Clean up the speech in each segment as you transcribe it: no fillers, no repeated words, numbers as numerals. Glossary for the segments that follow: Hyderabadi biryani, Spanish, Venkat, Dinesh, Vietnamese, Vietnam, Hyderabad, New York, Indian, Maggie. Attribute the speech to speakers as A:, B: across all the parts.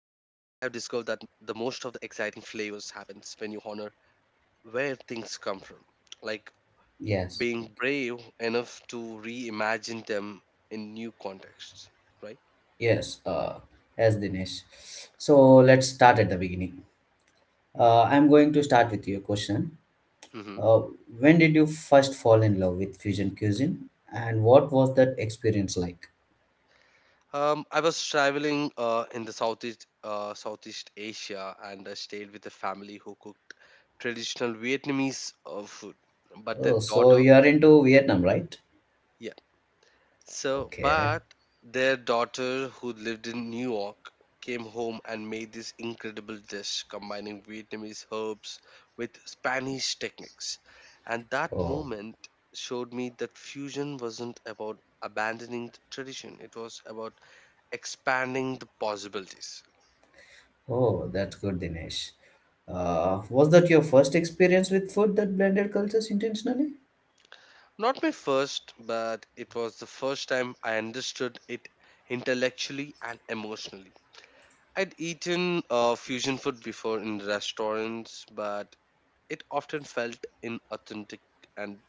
A: flavors happens when you honor where things come from, like being
B: Yes.
A: brave enough to reimagine them in new contexts, right?
B: Yes, yes, Dinesh. So let's start at the beginning. I'm going to start with your question.
A: Mm-hmm.
B: Uh, when did you first fall in love with fusion cuisine, and what was that experience like?
A: I was traveling in the Southeast Asia and I stayed with a family who cooked traditional Vietnamese food. But their
B: Oh, so
A: daughter,
B: you are into Vietnam, right?
A: yeah. So,
B: Okay.
A: but their daughter who lived in New York came home and made this incredible dish combining Vietnamese herbs with Spanish techniques. And that
B: Oh,
A: moment showed me that fusion wasn't about abandoning the tradition, it was about expanding the possibilities.
B: oh, that's good, Dinesh. Was that your first experience with food that blended cultures intentionally?
A: Not my first, but it was the first time I understood it intellectually and emotionally. I'd eaten fusion food before in restaurants, but it often felt inauthentic and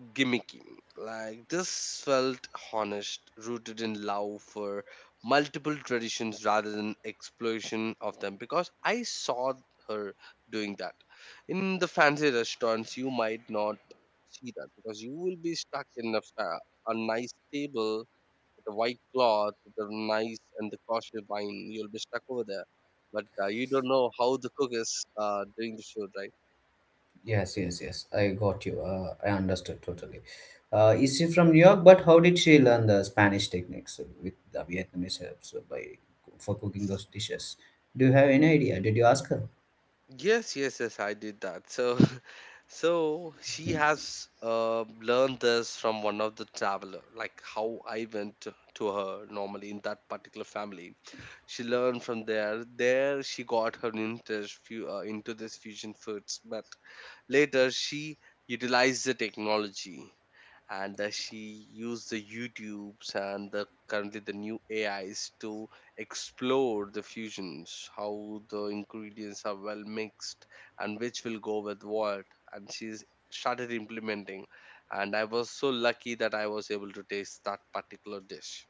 A: gimmicky. Like this felt honest, rooted in love for multiple traditions rather than exploitation of them because I saw her doing that. In the fancy restaurants you might not see that because you will be stuck in a nice table with a white cloth, the nice and the costly wine. You'll be stuck over there. But you don't know how the cook is doing the food, right?
B: Yes, yes, yes. I got you. I understood totally. Is she from New York? But how did she learn the Spanish techniques with the Vietnamese helps by for cooking those dishes? Do you have any idea? Did you ask her?
A: Yes, yes, yes, I did that. So, so she has learned this from one of the traveler, like how I went to her normally in that particular family. She learned from there. There, she got her interest into this fusion foods, but later she utilized the technology and she used the YouTubes and the currently the new AIs to explore the fusions, how the ingredients are well mixed and which will go with what. And she started implementing. And I was so lucky that I was able to taste that particular dish.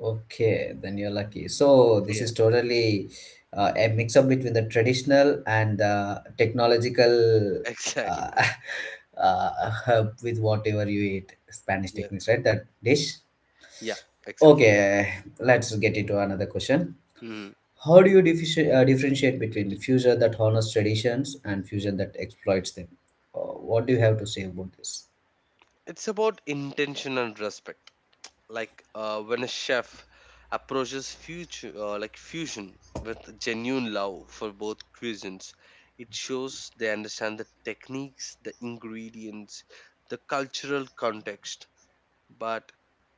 B: Okay, then you're lucky. So this
A: Yeah,
B: is totally a mix up between the traditional and the technological,
A: exactly.
B: uh,
A: Yeah,
B: help with whatever you eat Spanish
A: yeah,
B: techniques, right? That dish.
A: yeah, exactly.
B: Okay, let's get into another question.
A: Hmm.
B: How do you differentiate between fusion that honors traditions and fusion that exploits them? Uh, what do you have to say about this?
A: It's about intention and respect like when a chef approaches future like fusion with genuine love for both cuisines, it shows they understand the techniques, the ingredients, the cultural context, but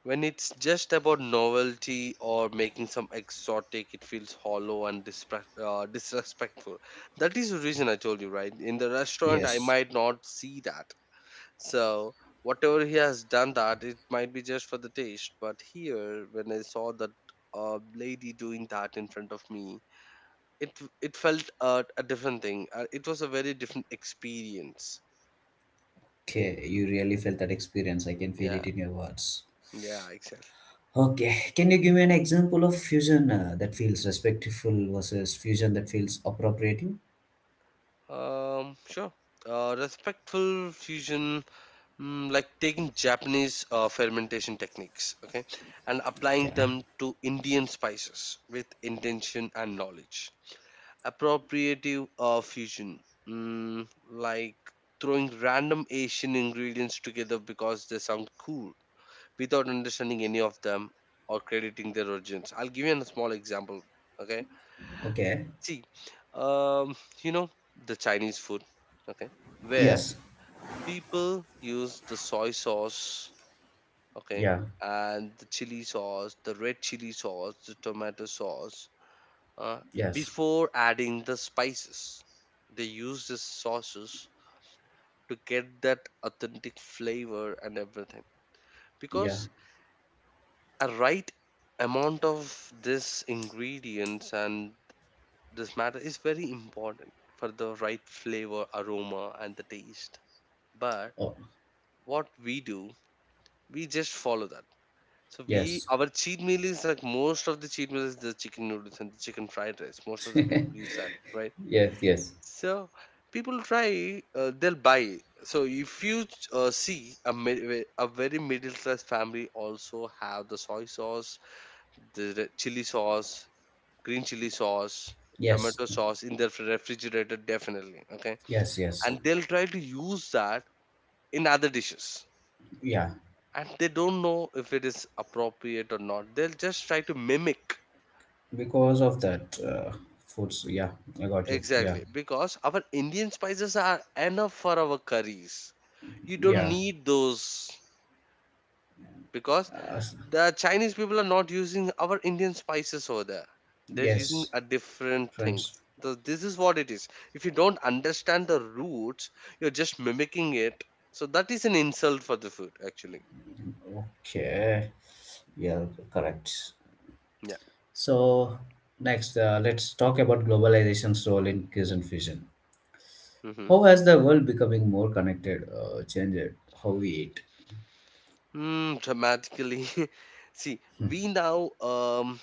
A: when it's just about novelty or making some exotic, it feels hollow and disrespectful. That is the reason I told you, right? In the restaurant I
B: Yes.
A: might not see that, so whatever he has done that, it might be just for the taste. But here, when I saw that lady doing that in front of me, it felt a different thing. It was a very different experience.
B: Okay, you really felt that experience. I can feel
A: Yeah,
B: it in your words.
A: yeah, exactly.
B: Okay, can you give me an example of fusion that feels respectful versus fusion that feels appropriating?
A: Sure. Respectful fusion, mm, like taking Japanese fermentation techniques, okay, and applying
B: Okay.
A: them to Indian spices with intention and knowledge. Appropriative fusion, mm, like throwing random Asian ingredients together because they sound cool without understanding any of them or crediting their origins. I'll give you a small example. Okay,
B: Okay.
A: see, um, you know, the Chinese food, okay, where
B: Yes.
A: people use the soy sauce, okay,
B: Yeah.
A: and the chili sauce, the red chili sauce, the tomato sauce, uh,
B: Yes.
A: before adding the spices. They use the sauces to get that authentic flavor and everything.
B: Yeah.
A: Because a right amount of this ingredients and this matter is very important for the right flavor, aroma, and the taste. But
B: Oh.
A: what we do, we just follow that. So we,
B: Yes.
A: our cheat meal is like, most of the cheat meal is the chicken noodles and the chicken fried rice. Most of the people use that, right?
B: Yes. Yes.
A: So people try, they'll buy. So if you see a very middle class family also have the soy sauce, the chili sauce, green chili sauce,
B: Yes.
A: tomato sauce in their refrigerator definitely. Okay,
B: Yes. Yes.
A: and they'll try to use that in other dishes,
B: Yeah.
A: and they don't know if it is appropriate or not. They'll just try to mimic.
B: Because of that foods, yeah, I got you. Yeah,
A: Exactly, because our Indian spices are enough for our curries. You don't
B: yeah.
A: need those because
B: uh,
A: the Chinese people are not using our Indian spices over there. They're using
B: yes,
A: a different
B: friends.
A: things. So this is what it is. If you don't understand the roots, you're just mimicking it. So that is an insult for the food, actually.
B: Okay, yeah, correct.
A: Yeah.
B: So next, let's talk about globalization's role in cuisine fusion.
A: Hmm.
B: How has the world becoming more connected changed how we eat?
A: Mm, dramatically. See, we now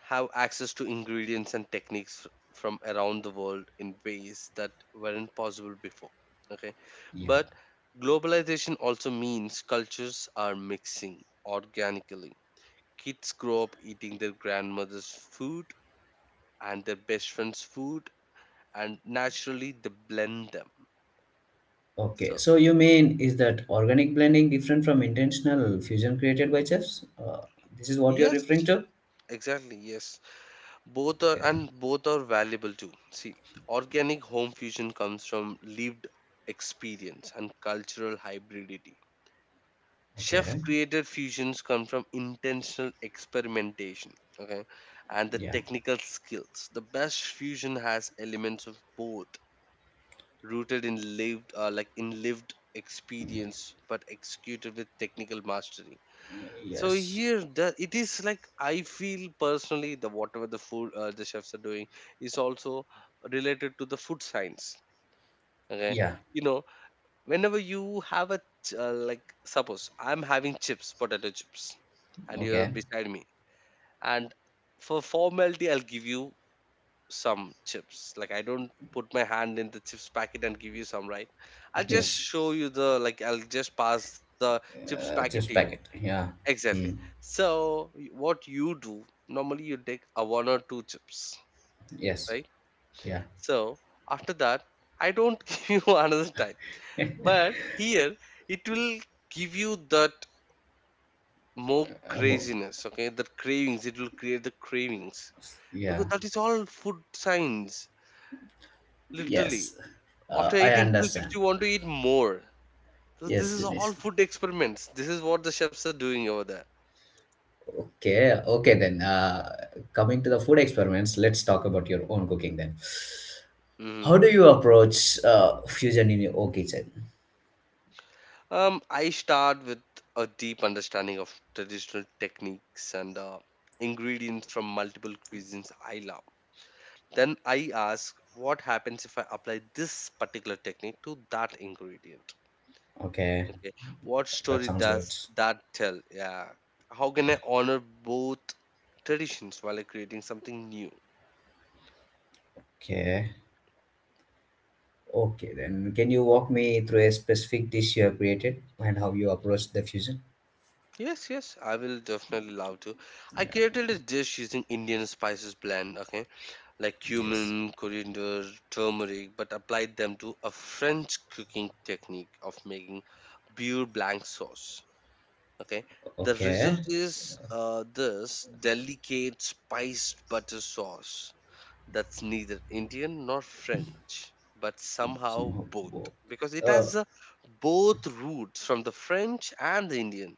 A: have access to ingredients and techniques from around the world in ways that weren't possible before. Okay.
B: Yeah.
A: But globalization also means cultures are mixing organically. Kids grow up eating their grandmother's food and their best friend's food, and naturally they blend them.
B: Okay,
A: So,
B: so you mean is that organic blending different from intentional fusion created by chefs? This is what you're
A: yes,
B: referring to.
A: exactly, yes. Both are,
B: Okay.
A: and both are valuable too. See, organic home fusion comes from lived experience and cultural hybridity.
B: Okay.
A: Chef created fusions come from intentional experimentation, okay, and the
B: Yeah.
A: technical skills. The best fusion has elements of both, rooted in lived like in lived experience but executed with technical mastery. So
B: Yes.
A: here, the, it is like I feel personally the whatever the food the chefs are doing is also related to the food science. Okay,
B: Yeah.
A: you know, whenever you have a like, suppose I'm having chips, potato chips, and you're
B: Okay.
A: beside me, and for formality, I'll give you some chips. Like I don't put my hand in the chips packet and give you some, right? I'll just
B: Yes.
A: show you the, like, I'll just pass the chips packet to
B: Chips
A: you.
B: packet. Yeah.
A: Exactly.
B: Hmm.
A: So what you do normally, you take a one or two chips,
B: Yes.
A: right?
B: Yeah.
A: So after that, I don't give you another type. But here it will give you that more
B: Uh, mo-
A: craziness, okay? The cravings, it will create the cravings. Because
B: yeah.
A: that is all food science, literally.
B: Yes.
A: After
B: I
A: eating two chips,
B: understand.
A: you want to eat more. This
B: Yes,
A: is all
B: Dinesh.
A: food experiments. This is what the chefs are doing over there.
B: Okay. Okay then. Coming to the food experiments, let's talk about your own cooking then.
A: Mm-hmm.
B: How do you approach fusion in your own kitchen?
A: I start with a deep understanding of traditional techniques and ingredients from multiple cuisines I love. Then I ask, what happens if I apply this particular technique to that ingredient?
B: Okay.
A: Okay, what
B: That
A: story
B: sounds good.
A: does that tell? Yeah, how can I honor both traditions while creating something new?
B: Okay. Okay then. Can you walk me through a specific dish you have created and how you approach the fusion?
A: Yes, yes, I will definitely love to. I created a dish using Indian spices blend. Okay, like
B: Yes.
A: cumin, coriander, turmeric, but applied them to a French cooking technique of making pure blank sauce. Okay, the
B: Okay.
A: result is this delicate spiced butter sauce that's neither Indian nor French, but somehow
B: Somehow
A: both
B: both.
A: because it
B: Uh,
A: has both roots from the French and the Indian,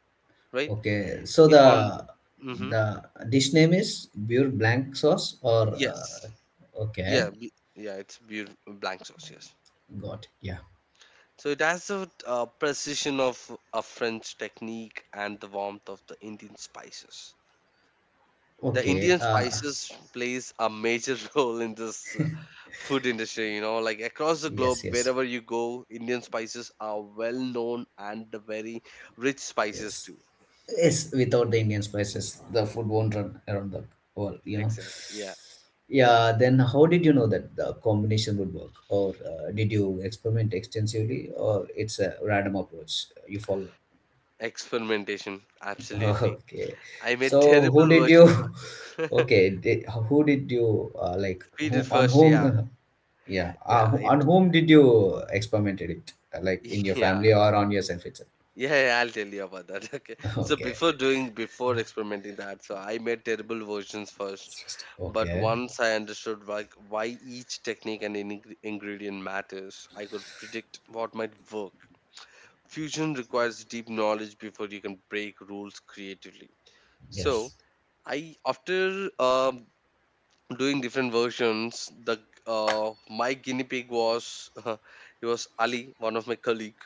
A: right?
B: okay, so
A: It on,
B: the
A: hmm,
B: the dish name is pure blank sauce or
A: yes,
B: okay,
A: yeah, yeah, it's beautiful blank sauce, yes.
B: got yeah.
A: So it has the precision of a French technique and the warmth of the Indian spices. The
B: Okay,
A: Indian spices plays a major role in this food industry, you know, like across the
B: yes,
A: globe,
B: yes,
A: wherever you go, Indian spices are well known and the very rich spices
B: yes,
A: too.
B: yes. Without the Indian spices, the food won't run around the world. You know.
A: Exactly. Yeah.
B: Yeah. Then how did you know that the combination would work, or did you experiment extensively, or it's a random approach you followed?
A: Experimentation. Absolutely.
B: Okay.
A: I made
B: So who
A: terrible
B: did
A: versions.
B: you
A: of-
B: okay, did, who did you like
A: We
B: who
A: did
B: on
A: first.
B: whom
A: Yeah.
B: yeah,
A: Yeah. It,
B: on whom did you experimented it? Like in your
A: yeah.
B: family or on yourself itself?
A: Yeah, yeah, I'll tell you about that. Okay. So
B: Okay.
A: before doing, before experimenting that, so I made terrible versions first.
B: It's
A: But
B: okay.
A: once I understood why each technique and ingredient matters, I could predict what might work. Fusion requires deep knowledge before you can break rules creatively. So
B: Yes.
A: I, after doing different versions, the my guinea pig was he was Ali, one of my colleague,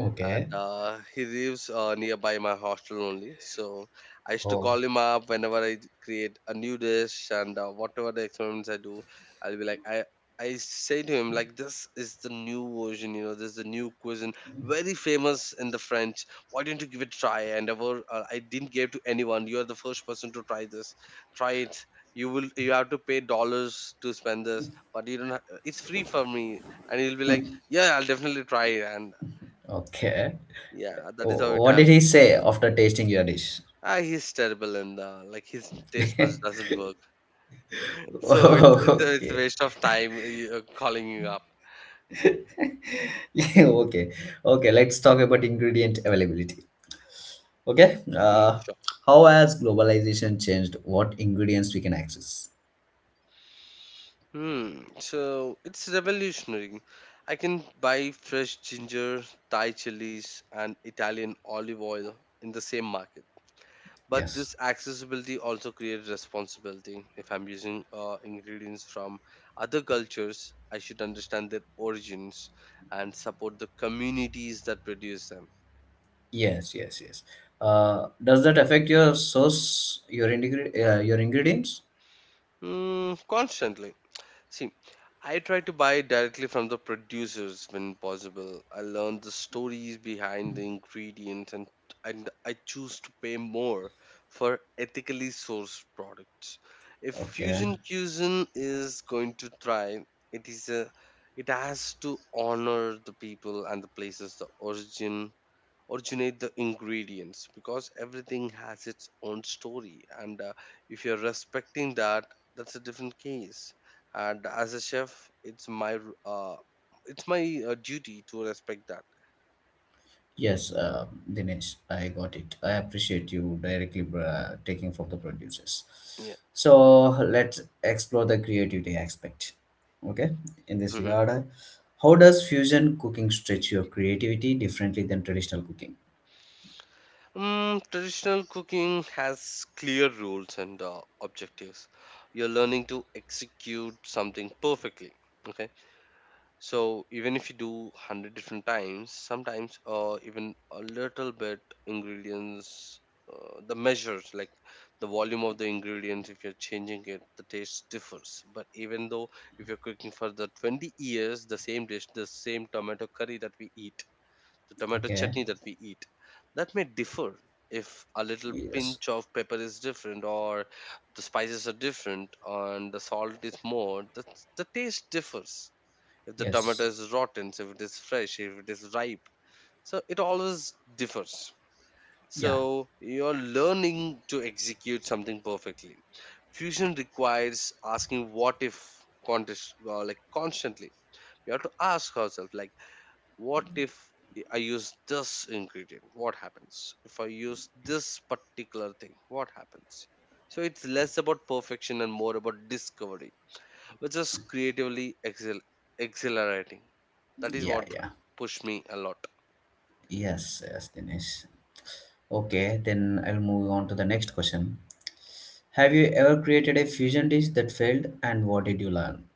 B: Okay.
A: and he lives nearby my hostel only. So I used to
B: Oh,
A: call him up whenever I create a new dish, and whatever the experiments I do, I'll be like I. I say to him like, this is the new version, you know, this is the new cuisine, very famous in the French. Why don't you give it a try? And ever I didn't give to anyone. You are the first person to try this. Try it. You will. You have to pay dollars to spend this, but you don't. Have, it's free for me. And he'll be like, yeah, I'll definitely try it. And
B: okay.
A: yeah,
B: Wh-
A: that is how it
B: what
A: happened.
B: did he say after tasting your dish?
A: Ah, he's terrible and like his taste buds
B: okay.
A: doesn't work. So it's a, it's a waste of time calling you up.
B: okay. Okay, let's talk about ingredient availability. Okay.
A: Mm, sure.
B: How has globalization changed what ingredients we can access?
A: Hmm. So it's revolutionary. I can buy fresh ginger, Thai chilies, and Italian olive oil in the same market. But
B: Yes.
A: this accessibility also creates responsibility. If I'm using ingredients from other cultures, I should understand their origins and support the communities that produce them.
B: Yes. Yes. Yes. Does that affect your source, your your ingredients?
A: Mm, constantly. See, I try to buy directly from the producers when possible. I learn the stories behind the ingredients, and I choose to pay more for ethically sourced products. If
B: Okay.
A: fusion cuisine is going to thrive, it is a it has to honor the people and the places the originate the ingredients because everything has its own story, and if you're respecting that, that's a different case. And as a chef, uh, it's my duty to respect that.
B: Yes, Dinesh, I got it. I appreciate you directly taking from the producers.
A: Yeah.
B: So let's explore the creativity aspect. Okay, in this
A: Hmm.
B: regard, how does fusion cooking stretch your creativity differently than traditional cooking?
A: Traditional cooking has clear rules and objectives. You're learning to execute something perfectly. Okay. So even if you do 100 different times, sometimes, even a little bit ingredients, the measures, like the volume of the ingredients, if you're changing it, the taste differs. But even though if you're cooking for the 20 years, the same dish, the same tomato curry that we eat, the tomato
B: Okay,
A: chutney that we eat, that may differ if a little
B: yes.
A: pinch of pepper is different, or the spices are different and the salt is more, the taste differs if the tomato
B: Yes.
A: is rotten, so if it is fresh, if it is ripe. So it always differs.
B: Yeah.
A: So you're learning to execute something perfectly. Fusion requires asking what if contest, like, constantly. We have to ask ourselves, like, what if I use this ingredient? What happens? If I use this particular thing, what happens? So it's less about perfection and more about discovery. It's just exhilarating. That is
B: Yeah.
A: what
B: Yeah.
A: pushed me a lot.
B: Yes. Yes, Dinesh. Okay, then I'll move on to the next question. Have you ever created a fusion dish that failed and what did you learn?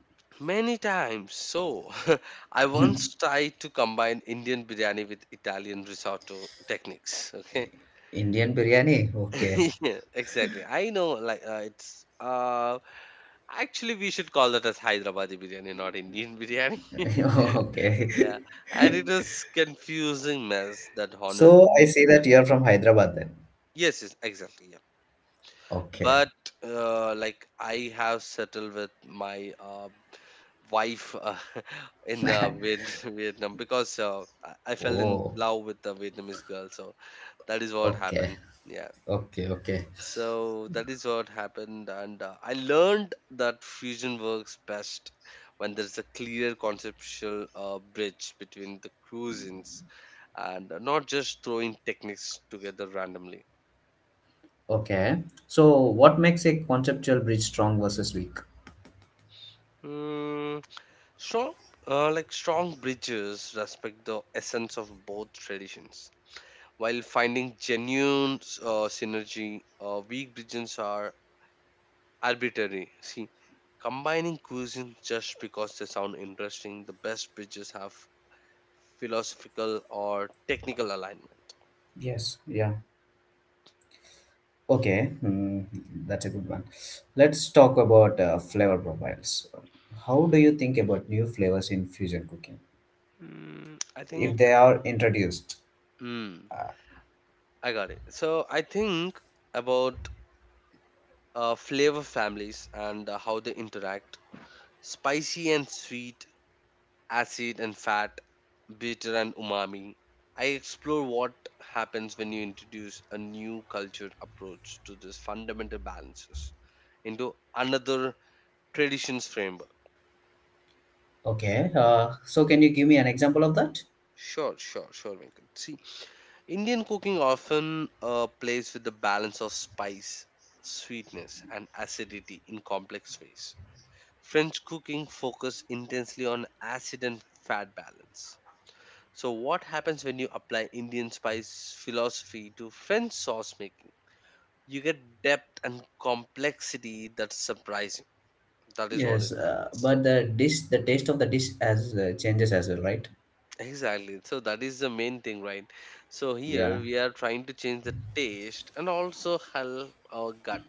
A: Many times. So, I once tried to combine Indian biryani with Italian risotto techniques. Okay.
B: Indian biryani? Okay.
A: Yeah, exactly. I know, like, it's. Actually, we should call that as Hyderabadi biryani, not Indian biryani. Yeah.
B: okay.
A: And it was confusing mess that honored
B: So I
A: neat.
B: see that you are from Hyderabad then.
A: Yes, yes, exactly.
B: Okay.
A: But like, I have settled with my wife in Vietnam because I fell in
B: Oh,
A: love with the Vietnamese girl. So that is what
B: okay.
A: happened. Yeah.
B: Okay, okay.
A: So that is what happened, and I learned that fusion works best when there's a clear conceptual bridge between the cuisines and not just throwing techniques together randomly.
B: Okay. So what makes a conceptual bridge strong versus weak?
A: Hmm. Strong, like, strong bridges respect the essence of both traditions while finding genuine synergy. Weak bridges are arbitrary. See, combining cuisines just because they sound interesting. The best bridges have philosophical or technical alignment.
B: Yes, yeah. Okay, hmm, that's a good one. Let's talk about flavor profiles. How do you think about new flavors in fusion cooking
A: I
B: if
A: think.
B: they are introduced?
A: Mm, I got it. So I think about flavor families and how they interact. Spicy and sweet, acid and fat, bitter and umami. I explore what happens when you introduce a new culture approach to this fundamental balances into another traditions framework.
B: Okay, so can you give me an example of that?
A: Sure, sure, sure, Venkat. See, Indian cooking often plays with the balance of spice, sweetness, and acidity in complex ways. French cooking focuses intensely on acid and fat balance. So what happens when you apply Indian spice philosophy to French sauce making? You get depth and complexity that's surprising. That is what
B: Yes,
A: it happens.
B: but the dish, the taste of the dish as changes as well, right?
A: Exactly, so that is the main thing, right? So here
B: Yeah.
A: we are trying to change the taste and also help our gut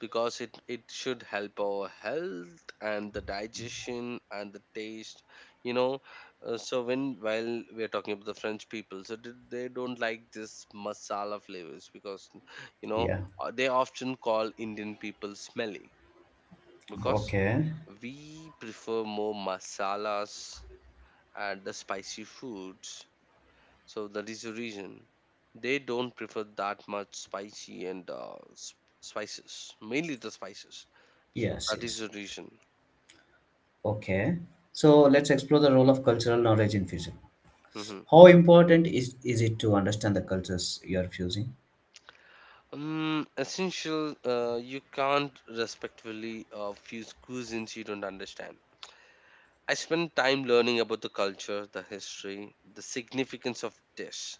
A: because it should help our health and the digestion and the taste, you know. So when, while we are talking about the French people, so they don't like this masala flavors because, you know,
B: Yeah.
A: they often call Indian people smelly because
B: Okay.
A: we prefer more masalas and the spicy foods. So that is the reason they don't prefer that much spicy and spices, mainly the spices. So
B: Yes.
A: that is
B: Yes.
A: the reason.
B: Okay. So let's explore the role of cultural knowledge in fusion.
A: Hmm.
B: How important is it to understand the cultures you are fusing?
A: Essential, you can't respectfully fuse cuisines you don't understand. I spent time learning about the culture, the history, the significance of dish,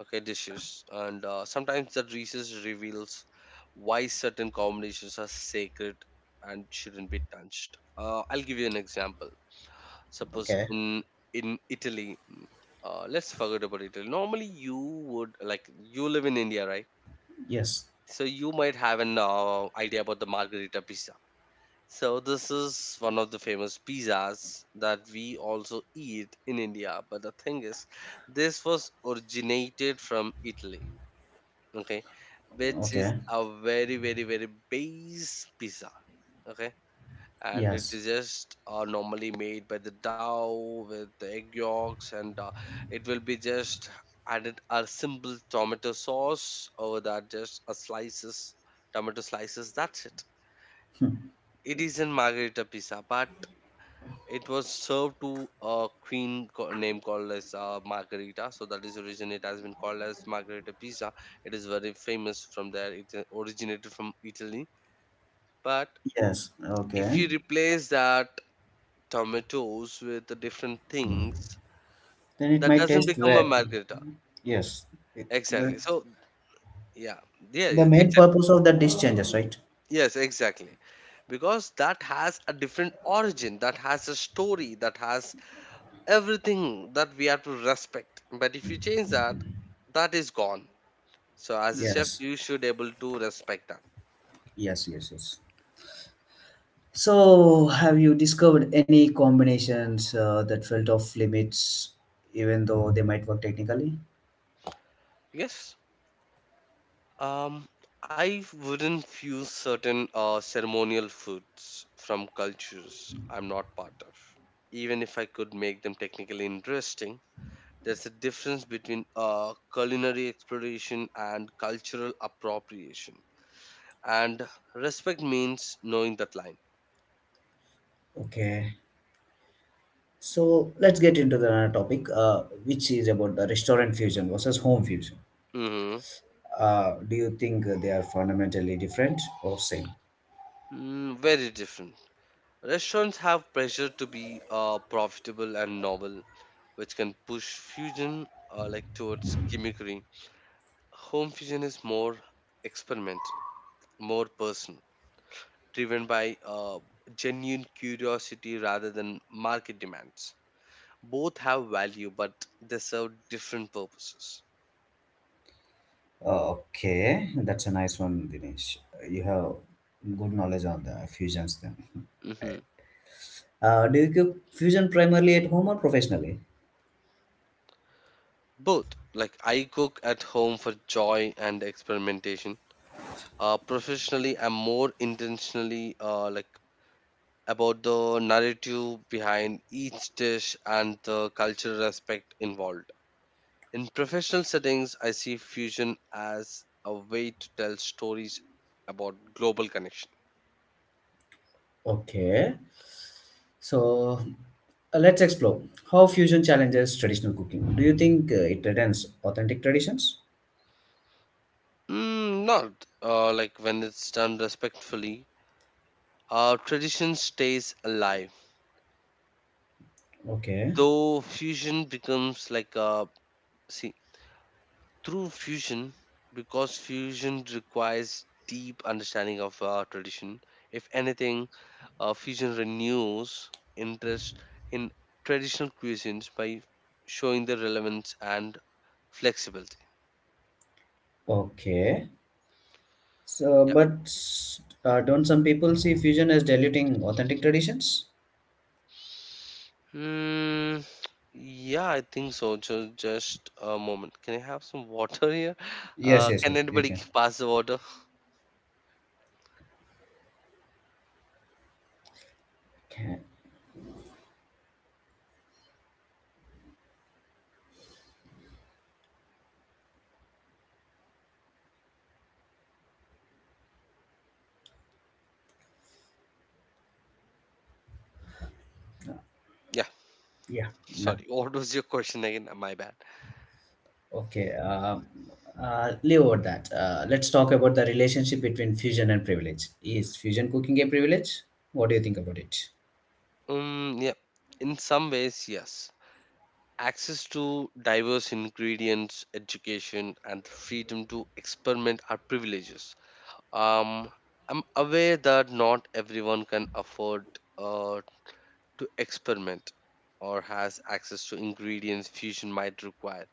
A: okay, dishes, and sometimes the research reveals why certain combinations are sacred and shouldn't be touched. I'll give you an example.
B: Okay.
A: Suppose in Italy, let's forget about Italy. Normally, you would like, you live in India, right?
B: Yes.
A: So you might have an idea about the Margherita pizza. So this is one of the famous pizzas that we also eat in India, but the thing is, this was originated from Italy, okay, which
B: Okay.
A: is a very, very, very base pizza, okay. And it
B: Yes.
A: is just, normally made by the dough with the egg yolks, and it will be just added a simple tomato sauce over that, just a slices, tomato slices, that's it. It is in Margarita pizza. But it was served to a queen named, called as Margarita. So that is the reason it has been called as Margarita pizza. It is very famous from there. It originated from Italy. But
B: Yes.
A: if you
B: Okay.
A: replace that tomatoes with the different things,
B: Then it
A: that
B: might
A: doesn't
B: taste
A: become a
B: well.
A: Margarita.
B: Yes. It-
A: Exactly, so yeah. Yeah,
B: The main
A: exactly.
B: purpose of the dish changes, right?
A: Yes, exactly. Because that has a different origin, that has a story, that has everything that we have to respect. But if you change that, that is gone. So as a chef,
B: Yes.
A: you should able to respect that.
B: Yes. Yes. Yes. So, have you discovered any combinations that felt off limits, even though they might work technically?
A: Yes. um I wouldn't fuse certain ceremonial foods from cultures I'm not part of, even if I could make them technically interesting. There's a difference between culinary exploration and cultural appropriation, and respect means knowing that line.
B: Okay. So let's get into the another topic, which is about the restaurant fusion versus home fusion.
A: Mm hmm
B: Do you think they are fundamentally different or same?
A: Very different. Restaurants have pressure to be profitable and novel, which can push fusion like, towards gimmickry. Home fusion is more experimental, more personal, driven by genuine curiosity rather than market demands. Both have value, but they serve different purposes.
B: Okay, that's a nice one, Dinesh. You have good knowledge on the fusions then.
A: Hmm.
B: Do you cook fusion primarily at home or professionally?
A: Both, like, I cook at home for joy and experimentation. Professionally, I'm more intentionally like, about the narrative behind each dish and the cultural aspect involved. In professional settings, I see fusion as a way to tell stories about global connection.
B: Okay, so let's explore how fusion challenges traditional cooking. Do you think it returns authentic traditions?
A: Not like, when it's done respectfully. Our tradition stays alive,
B: Okay,
A: though fusion becomes like a, see, through fusion, because fusion requires deep understanding of our tradition. If anything, fusion renews interest in traditional cuisines by showing the relevance and flexibility.
B: okay. So,
A: Yeah.
B: but don't some people see fusion as diluting authentic traditions?
A: Mm, yeah, I think so. Just a moment. Can I have some water here?
B: Yes, yes,
A: Can
B: yes, you
A: anybody
B: can.
A: pass the water?
B: Okay.
A: Yeah,
B: Yeah. No.
A: sorry. What was your question again? My bad.
B: Okay, leave out that. Let's talk about the relationship between fusion and privilege. Is fusion cooking a privilege? What do you think about it?
A: Yeah, in some ways, yes. Access to diverse ingredients, education, and the freedom to experiment are privileges. Um, I'm aware that not everyone can afford uh, to experiment or has access to ingredients fusion might require.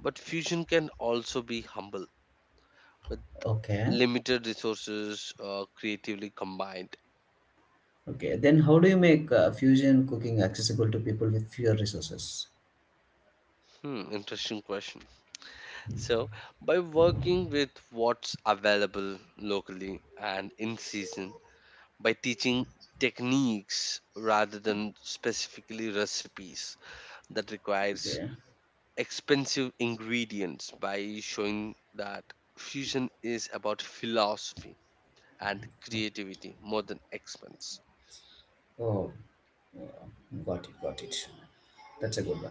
A: But fusion can also be humble with
B: Okay,
A: limited resources, creatively combined.
B: okay. Then how do you make fusion cooking accessible to people with fewer resources?
A: Hmm, interesting question. So, by working with what's available locally and in season, by teaching techniques rather than specifically recipes that requires
B: Okay.
A: expensive ingredients, by showing that fusion is about philosophy and creativity more than expense.
B: Oh, uh, got it, got it. That's a good one.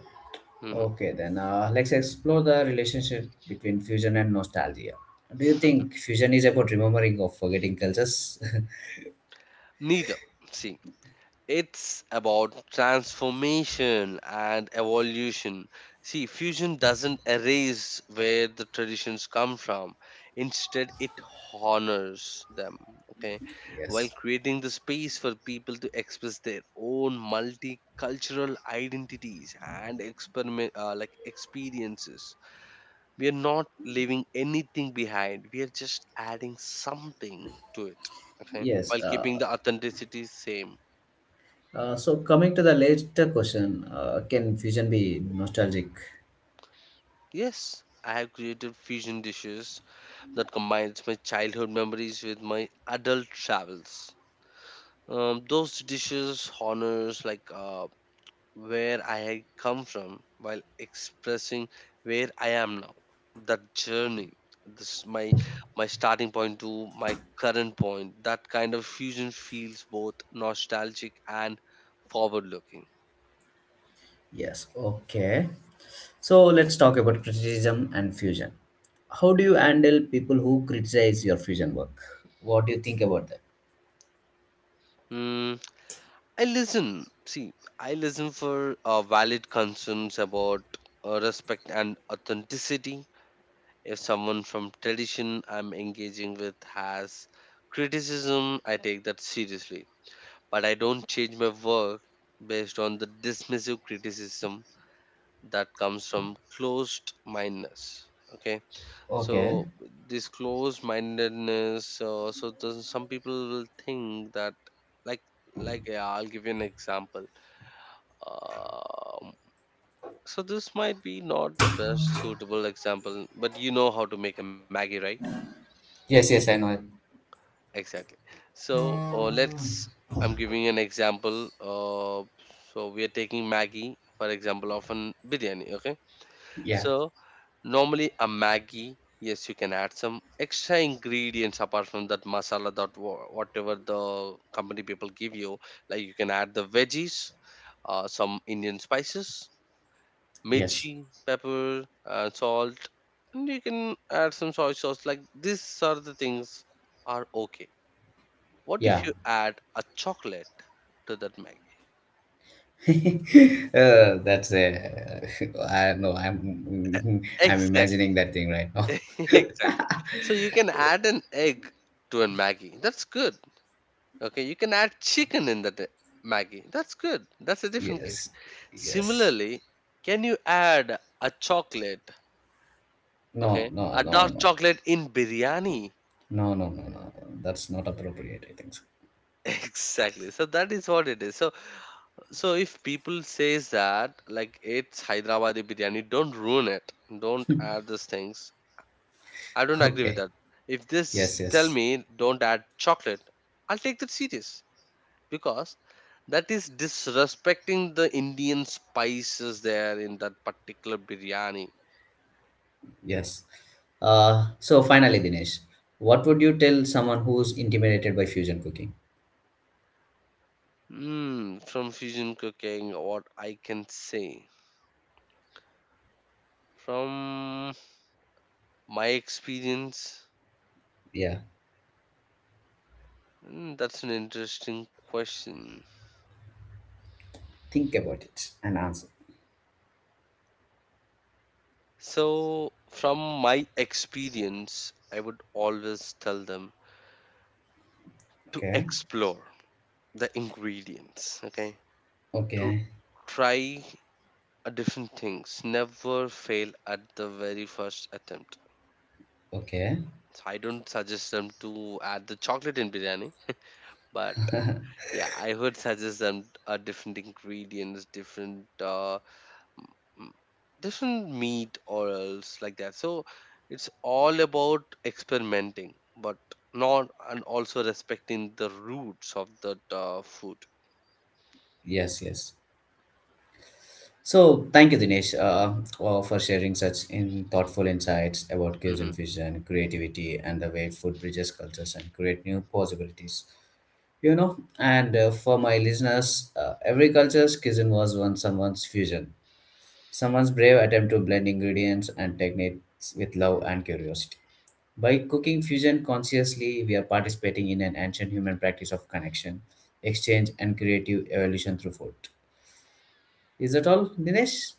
A: Mhm.
B: Okay, then let's explore the relationship between fusion and nostalgia. Do you think fusion is about remembering or forgetting cultures?
A: Neither. See, it's about transformation and evolution. See, fusion doesn't erase where the traditions come from. Instead, it honors them, okay, while
B: Yes,
A: creating the space for people to express their own multicultural identities and experiment, like, experiences. We are not leaving anything behind. We are just adding something to it, okay,
B: yes.
A: while keeping
B: Uh,
A: the authenticity same.
B: So coming to the later question, can fusion be nostalgic?
A: Yes, I have created fusion dishes that combines my childhood memories with my adult travels. Those dishes honors, like, where I had come from while expressing where I am now. That journey, this my starting point to my current point. That kind of fusion feels both nostalgic and forward-looking.
B: Yes. Okay. So let's talk about criticism and fusion. How do you handle people who criticize your fusion work? What do you think about that?
A: Hmm, I listen. See, I listen for valid concerns about respect and authenticity. If someone from tradition I'm engaging with has criticism, I take that seriously. But I don't change my work based on the dismissive criticism that comes from closed mindedness. Okay,
B: Okay.
A: so this closed mindedness, so some people will think that, like, like, yeah, I'll give you an example. um, so this might be not the best suitable example, but you know how to make a Maggie, right?
B: Yes, yes, I know it.
A: Exactly. So let's. I'm giving an example. So we are taking Maggie for example of an biryani. Okay.
B: Yeah.
A: So normally a Maggie, yes, you can add some extra ingredients apart from that masala that whatever the company people give you. Like, you can add the veggies, some Indian spices,
B: Yes.
A: mirchi, pepper, salt, and you can add some soy sauce. Like, these are the things are okay. What if
B: Yeah.
A: you add a chocolate to that Maggie?
B: That's a. I know. I'm. I'm
A: Exactly,
B: imagining that thing right now.
A: exactly. So you can add an egg to a Maggie. That's good. Okay, you can add chicken in that Maggie. That's good. That's a different case.
B: yes. Yes.
A: Similarly, can you add a chocolate?
B: No.
A: Okay,
B: No.
A: a
B: No.
A: dark
B: No.
A: chocolate in biryani?
B: No, no, no, no. That's not appropriate, I think so.
A: Exactly. So that is what it is. So so if people says that, like, it's Hyderabadi biryani, don't ruin it. Don't add these things. I don't agree with
B: Okay.
A: that. If this
B: Yes,
A: tell
B: yes,
A: me don't add chocolate, I'll take that serious because that is disrespecting the Indian spices there in that particular biryani.
B: yes. So finally, Dinesh, what would you tell someone who's intimidated by fusion cooking?
A: From fusion cooking, what I can say, from my experience,
B: Yeah.
A: That's an interesting question.
B: Think about it and answer.
A: So, from my experience, I would always tell them to
B: Okay.
A: explore the ingredients, okay? To
B: Okay.
A: try a different things. Never fail at the very first attempt.
B: Okay.
A: So I don't suggest them to add the chocolate in biryani, but yeah, I would suggest them different ingredients, different mm, different meat or else like that. So it's all about experimenting, but not, and also respecting the roots of that food.
B: Yes, yes. So thank you, Dinesh, for sharing such in thoughtful insights about cuisine
A: Mhm.
B: fusion, creativity, and the way food bridges cultures and create new possibilities. You know, and for my listeners, every culture's cuisine was once someone's fusion, someone's brave attempt to blend ingredients and techniques with love and curiosity. By cooking fusion consciously, we are participating in an ancient human practice of connection, exchange, and creative evolution through food. Is that all, Dinesh?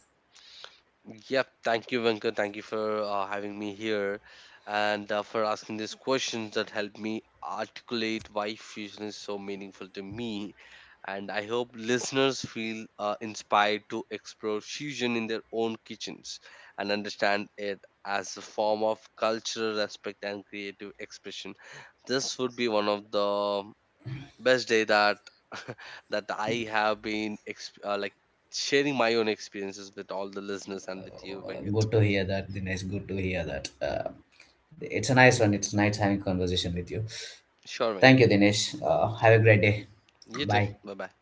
A: Yep, thank you, Venka. Thank you for having me here and for asking these questions that help me articulate why fusion is so meaningful to me. And I hope listeners feel inspired to explore fusion in their own kitchens and understand it as a form of cultural respect and creative expression. This would be one of the best day that that I have been like, sharing my own experiences with all the listeners and with you, Venkat.
B: Good to hear that, Dinesh. Good to hear that. It's a nice one. It's nice having conversation with you.
A: Sure, Venkat.
B: Thank you, Dinesh. Have a great day.
A: You too.
B: Bye.
A: Bye bye.